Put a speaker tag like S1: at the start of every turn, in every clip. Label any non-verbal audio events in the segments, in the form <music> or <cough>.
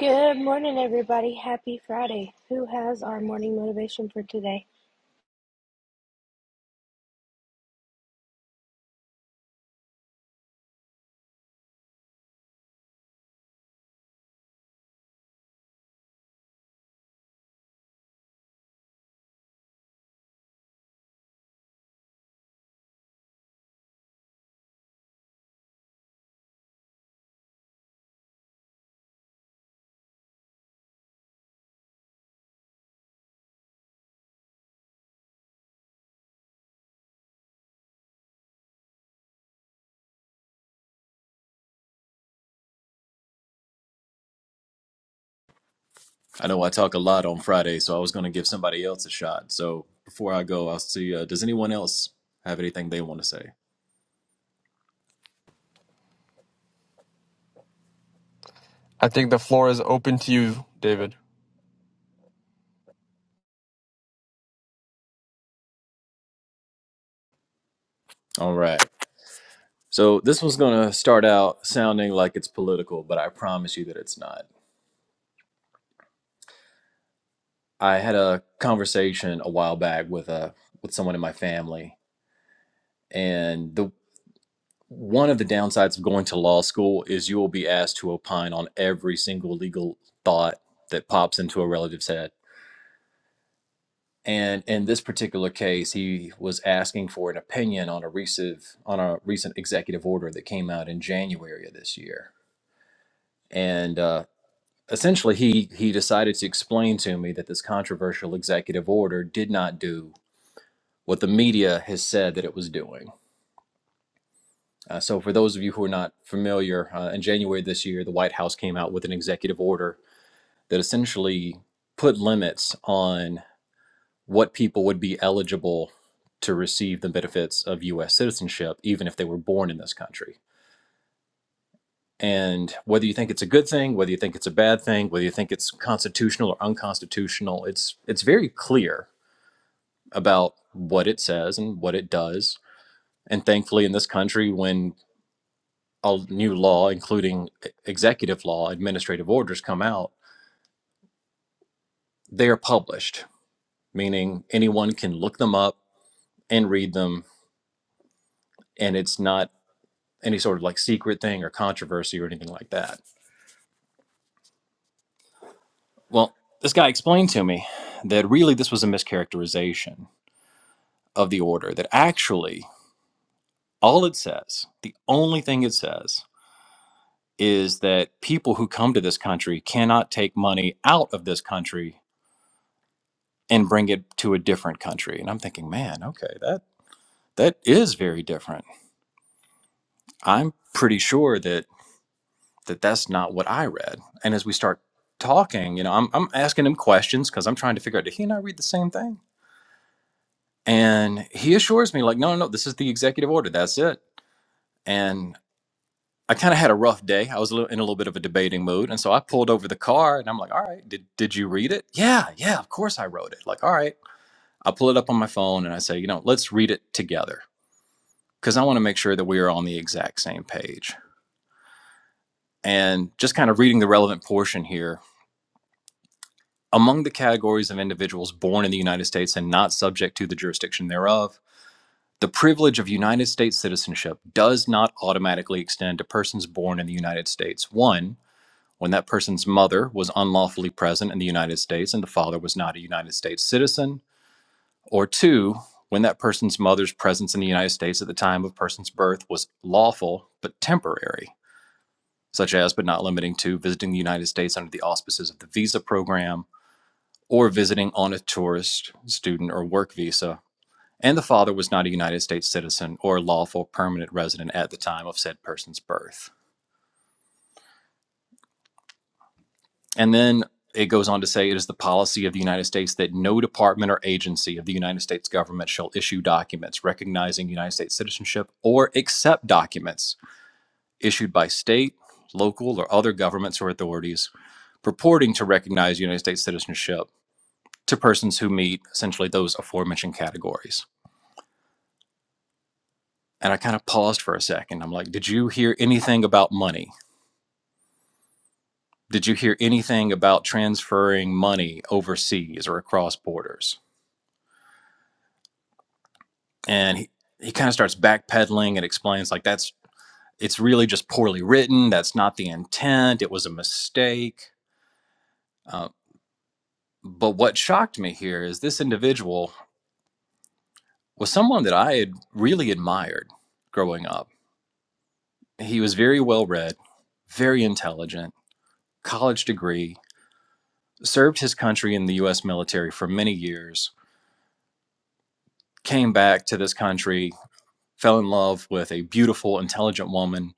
S1: Good morning, everybody. Happy Friday. Who has our morning motivation for today?
S2: I know I talk a lot on Friday, so I was going to give somebody else a shot. So before I go, I'll see. Uh, does anyone else have anything they want to say?
S3: I think the floor is open to you, David.
S2: All right. So this one's going to start out sounding like it's political, but I promise you that it's not. I had a conversation a while back with a with someone in my family, and the one of the downsides of going to law school is you will be asked to opine on every single legal thought that pops into a relative's head And in this particular case, he was asking for an opinion on a recent on a recent executive order that came out in January of this year. And uh, essentially, he he decided to explain to me that this controversial executive order did not do what the media has said that it was doing. Uh, so, for those of you who are not familiar, uh, in January this year, the White House came out with an executive order that essentially put limits on what people would be eligible to receive the benefits of US citizenship, even if they were born in this country. And whether you think it's a good thing, whether you think it's a bad thing, whether you think it's constitutional or unconstitutional, it's it's very clear about what it says and what it does. And thankfully in this country when a new law, including e, executive law, administrative orders come out, they are published, meaning anyone can look them up and read them and it's not any sort of like secret thing or controversy or anything like that. Well, this guy explained to me that really this was a mischaracterization of the order, that actually all it says, the only thing it says, is that people who come to this country cannot take money out of this country and bring it to a different country. And I'm thinking, man, okay, that that is very different. I'm pretty sure that that that's not what I read. And as we start talking, you know, I'm, I'm asking him questions because I'm trying to figure out, did he and I read the same thing? And he assures me, like, no, no, no, this is the executive order. That's it. And I kind of had a rough day. I was a little, in a little bit of a debating mood. And so I pulled over the car and I'm like, all right, did, did you read it? Yeah, yeah, of course I wrote it. Like, all right. I pull it up on my phone and I say, you know, let's read it together because I want to make sure that we are on the exact same page. And just kind of reading the relevant portion here Among the categories of individuals born in the United States and not subject to the jurisdiction thereof, the privilege of United States citizenship does not automatically extend to persons born in the United States. One, when that person's mother was unlawfully present in the United States and the father was not a United States citizen. Or two, when that person's mother's presence in the United States at the time of person's birth was lawful but temporary, such as but not limiting to visiting the United States under the auspices of the visa program or visiting on a tourist, student, or work visa, and the father was not a United States citizen or lawful permanent resident at the time of said person's birth. And then it goes on to say it is the policy of the United States that no department or agency of the United States government shall issue documents recognizing United States citizenship or accept documents issued by state, local, or other governments or authorities purporting to recognize United States citizenship to persons who meet essentially those aforementioned categories. And I kind of paused for a second. I'm like, did you hear anything about money? Did you hear anything about transferring money overseas or across borders? And he, he kind of starts backpedaling and explains, like, that's it's really just poorly written. That's not the intent. It was a mistake. Uh, but what shocked me here is this individual was someone that I had really admired growing up. He was very well read, very intelligent, college degree, served his country in the US military for many years, came back to this country, fell in love with a beautiful, intelligent woman,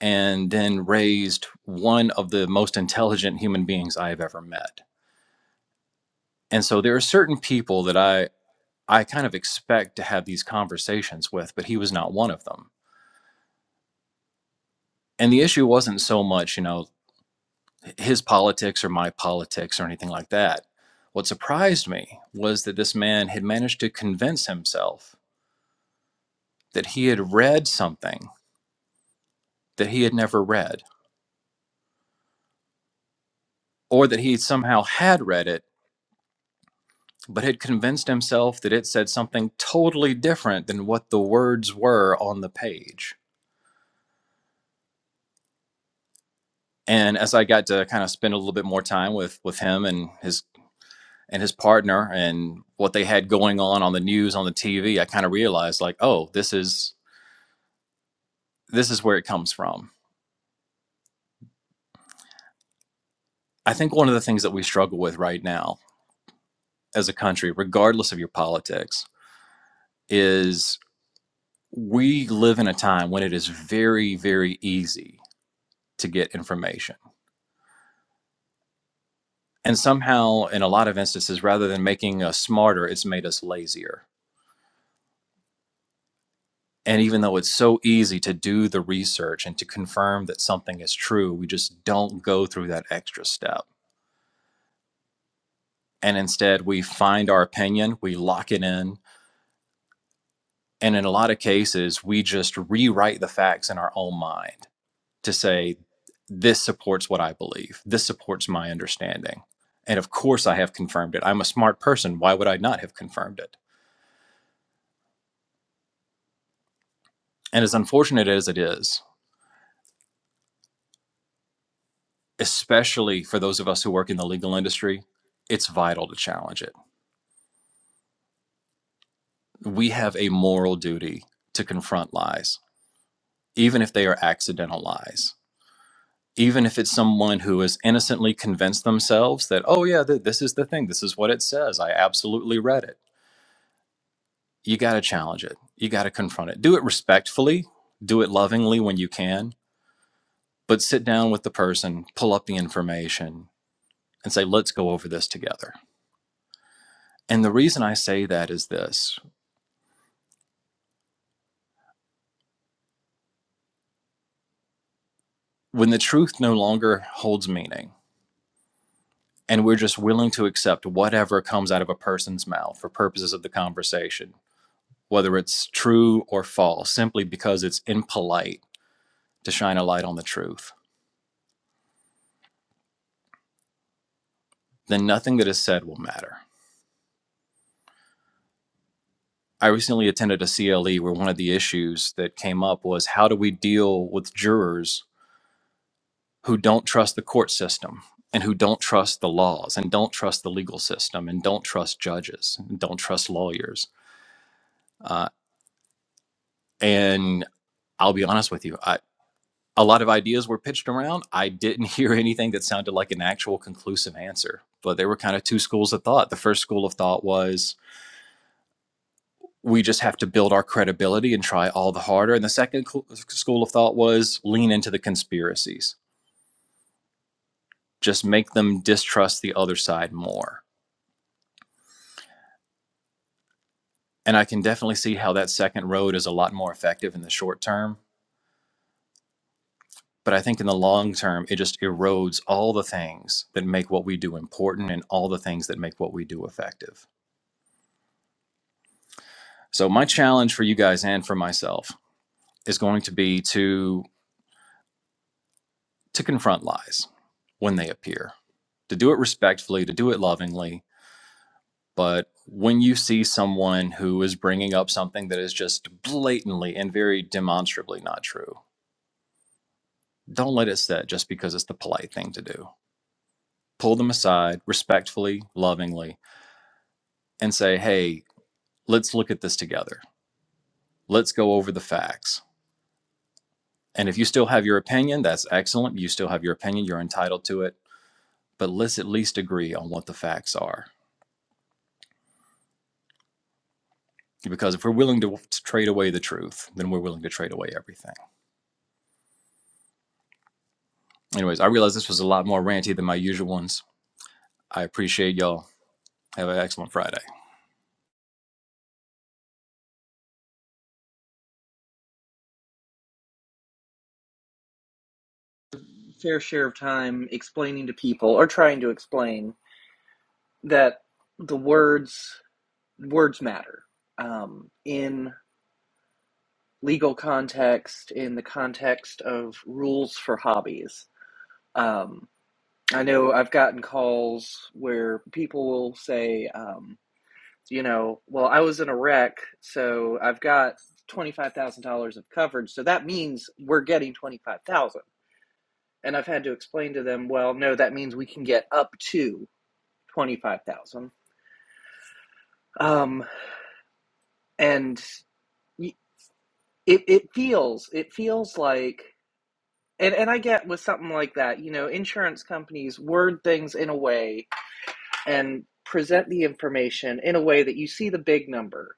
S2: and then raised one of the most intelligent human beings I have ever met. And so there are certain people that I I kind of expect to have these conversations with, but he was not one of them. And the issue wasn't so much, you know, his politics or my politics or anything like that. What surprised me was that this man had managed to convince himself that he had read something that he had never read, or that he somehow had read it, but had convinced himself that it said something totally different than what the words were on the page. And as I got to kind of spend a little bit more time with with him and his and his partner and what they had going on on the news on the TV, I kind of realized like, oh, this is this is where it comes from. I think one of the things that we struggle with right now as a country, regardless of your politics, is. we live in a time when it is very, very easy to get information. And somehow, in a lot of instances, rather than making us smarter, it's made us lazier. And even though it's so easy to do the research and to confirm that something is true, we just don't go through that extra step. And instead, we find our opinion, we lock it in. And in a lot of cases, we just rewrite the facts in our own mind to say this supports what I believe. This supports my understanding. And of course, I have confirmed it. I'm a smart person. Why would I not have confirmed it? And as unfortunate as it is, especially for those of us who work in the legal industry, it's vital to challenge it. We have a moral duty to confront lies, even if they are accidental lies. Even if it's someone who has innocently convinced themselves that, oh, yeah, th- this is the thing, this is what it says, I absolutely read it you got to challenge it. You got to confront it. Do it respectfully, do it lovingly when you can, but sit down with the person, pull up the information, and say, let's go over this together. And the reason I say that is this when the truth no longer holds meaning, and we're just willing to accept whatever comes out of a person's mouth for purposes of the conversation, whether it's true or false, simply because it's impolite to shine a light on the truth, then nothing that is said will matter I recently attended a CLE where one of the issues that came up was how do we deal with jurors who don't trust the court system and who don't trust the laws and don't trust the legal system and don't trust judges and don't trust lawyers? Uh, and I'll be honest with you, I, a lot of ideas were pitched around. I didn't <laughs> hear anything that sounded like an actual conclusive answer, but there were kind of two schools of thought. The first school of thought was we just have to build our credibility and try all the harder. And the second school of thought was lean into the conspiracies, just make them distrust the other side more. And I can definitely see how that second road is a lot more effective in the short term. But I think in the long term, it just erodes all the things that make what we do important and all the things that make what we do effective. So my challenge for you guys and for myself is going to be to to confront lies when they appear, to do it respectfully, to do it lovingly, But when you see someone who is bringing up something that is just blatantly and very demonstrably not true, don't let it sit just because it's the polite thing to do. Pull them aside respectfully, lovingly, and say, hey, let's look at this together. Let's go over the facts. And if you still have your opinion, that's excellent. You still have your opinion, you're entitled to it. But let's at least agree on what the facts are. Because if we're willing to, trade away the truth, then we're willing to trade away everything. Anyways, I realize this was a lot more ranty than my usual ones I appreciate y'all. Have an excellent Friday.
S4: fair share of time explaining to people or trying to explain that the words words matter um, in legal context, in the context of rules for hobbies. Um, I know I've gotten calls where people will say, um, you know, well, I was in a wreck, so I've got twenty-five thousand dollars of coverage, so that means we're getting twenty-five thousand. dollars. And I've had to explain to them, well, no, that means we can get up to. 25,000. Um, and it, it feels, it feels like, and, and I get with something like that, you know, insurance companies word things in a way and present the information in a way that you see the big number,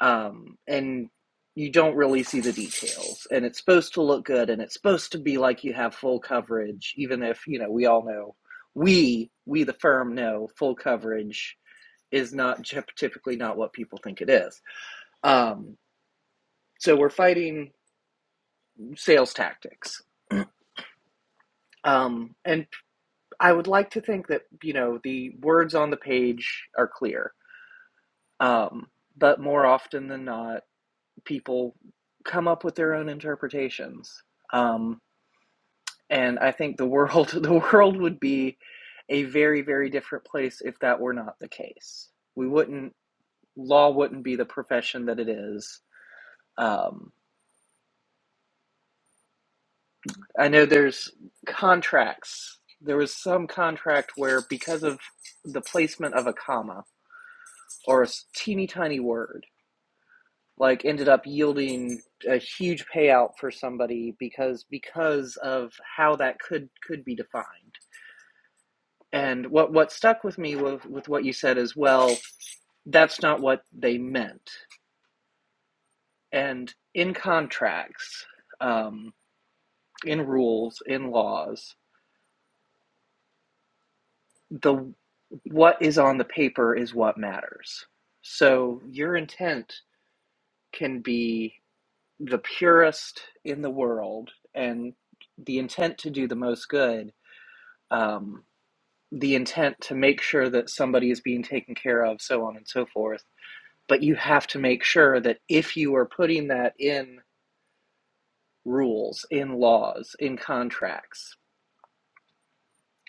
S4: um, and you don't really see the details. And it's supposed to look good and it's supposed to be like you have full coverage, even if, you know, we all know, we, we the firm know full coverage is not typically not what people think it is. Um, So we're fighting sales tactics. Um, and I would like to think that, you know, the words on the page are clear. Um, but more often than not, people come up with their own interpretations. Um, and I think the world <laughs> the world would be a very, very different place if that were not the case. We wouldn't law wouldn't be the profession that it is. Um, I know there's contracts. There was some contract where because of the placement of a comma or a teeny tiny word, like ended up yielding a huge payout for somebody because because of how that could could be defined. And what what stuck with me with, with what you said is well, that's not what they meant. And in contracts, um, in rules, in laws. the what is on the paper is what matters. So your intent can be the purest in the world, and the intent to do the most good, um, the intent to make sure that somebody is being taken care of, so on and so forth. But you have to make sure that if you are putting that in rules, in laws, in contracts,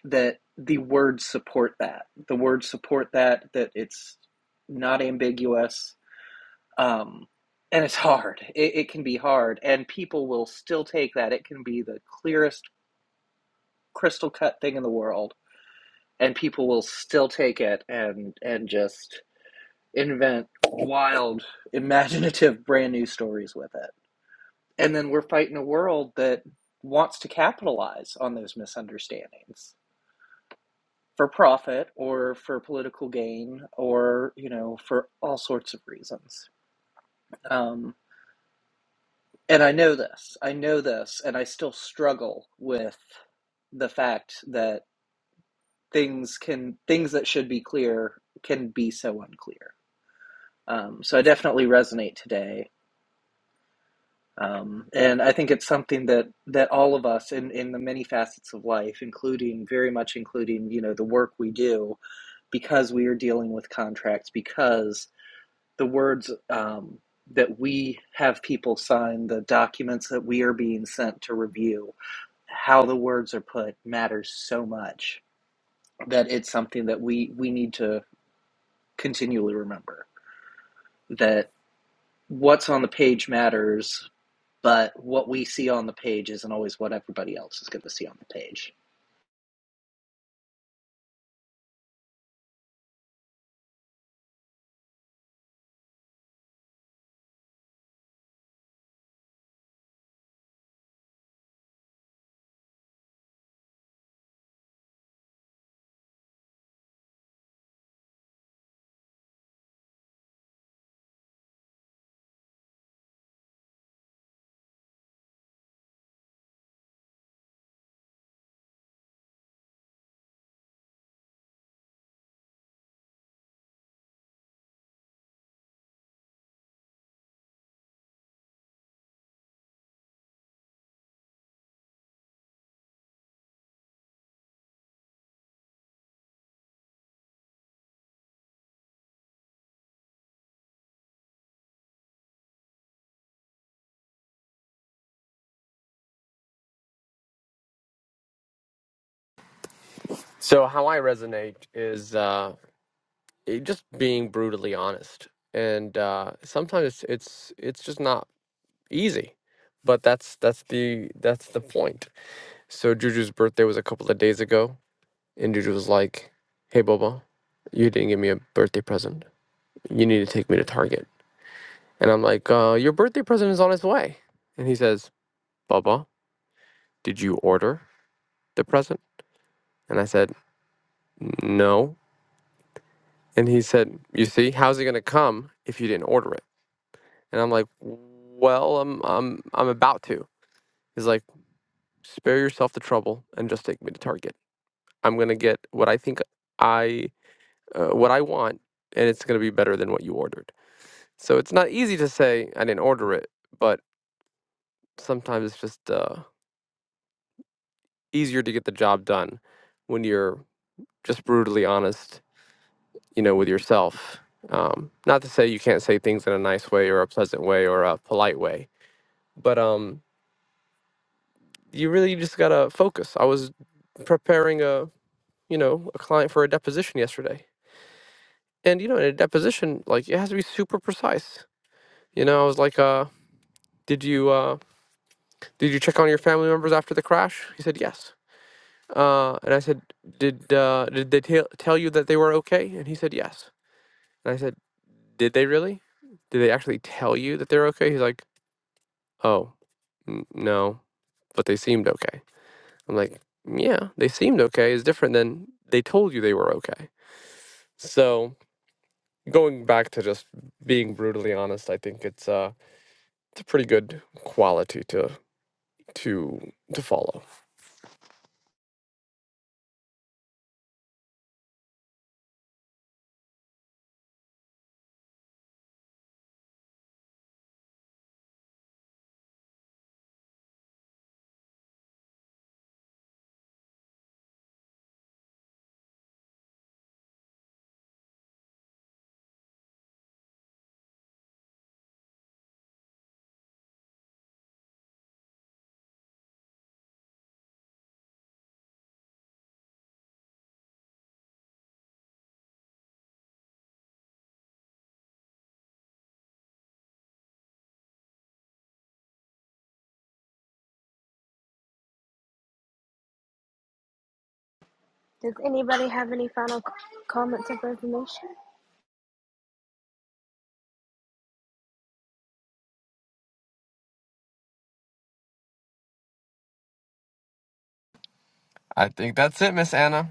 S4: that the words support that. The words support that, that it's not ambiguous, um, and it's hard. It, it can be hard, and people will still take that. It can be the clearest, crystal cut thing in the world, and people will still take it and and just invent wild, imaginative, brand new stories with it. And then we're fighting a world that wants to capitalize on those misunderstandings for profit or for political gain or you know for all sorts of reasons. Um. And I know this. I know this, and I still struggle with the fact that things can things that should be clear can be so unclear. Um, so I definitely resonate today, um, and I think it's something that that all of us in in the many facets of life, including very much including you know the work we do, because we are dealing with contracts, because the words um, that we have people sign, the documents that we are being sent to review how the words are put matters so much that it's something that we we need to continually remember that what's on the page matters but what we see on the page isn't always what everybody else is going to see on the page
S3: So how I resonate is uh, just being brutally honest, and uh, sometimes it's it's just not easy, but that's that's the that's the point. So Juju's birthday was a couple of days ago, and Juju was like, "Hey Boba, you didn't give me a birthday present. You need to take me to Target." And I'm like, uh, "Your birthday present is on its way," and he says, "Bubba, did you order the present?" And I said, "No." And he said, "You see, how's it going to come if you didn't order it?" And I'm like, "Well, I'm I'm I'm about to." He's like, "Spare yourself the trouble and just take me to Target. I'm going to get what I think I uh, what I want and it's going to be better than what you ordered." So it's not easy to say I didn't order it, but sometimes it's just uh, easier to get the job done when you're just brutally honest, you know, with yourself. Um, not to say you can't say things in a nice way or a pleasant way or a polite way, but um you really just gotta focus i was preparing a you know a client for a deposition yesterday and you know in a deposition like it has to be super precise you know i was like uh did you uh did you check on your family members after the crash he said yes uh and i said did uh did they tell tell you that they were okay and he said yes and i said did they really did they actually tell you that they're okay he's like oh n- no but they seemed okay I'm like, yeah, they seemed okay. It's different than they told you they were okay. So going back to just being brutally honest, I think it's uh it's a pretty good quality to to to follow.
S1: Does anybody have any final c- comments or information?
S3: I think that's it, Miss Anna.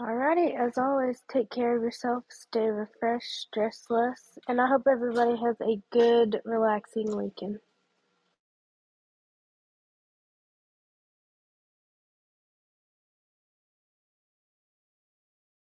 S1: Alrighty, as always, take care of yourself, stay refreshed, stress less, and I hope everybody has a good, relaxing weekend.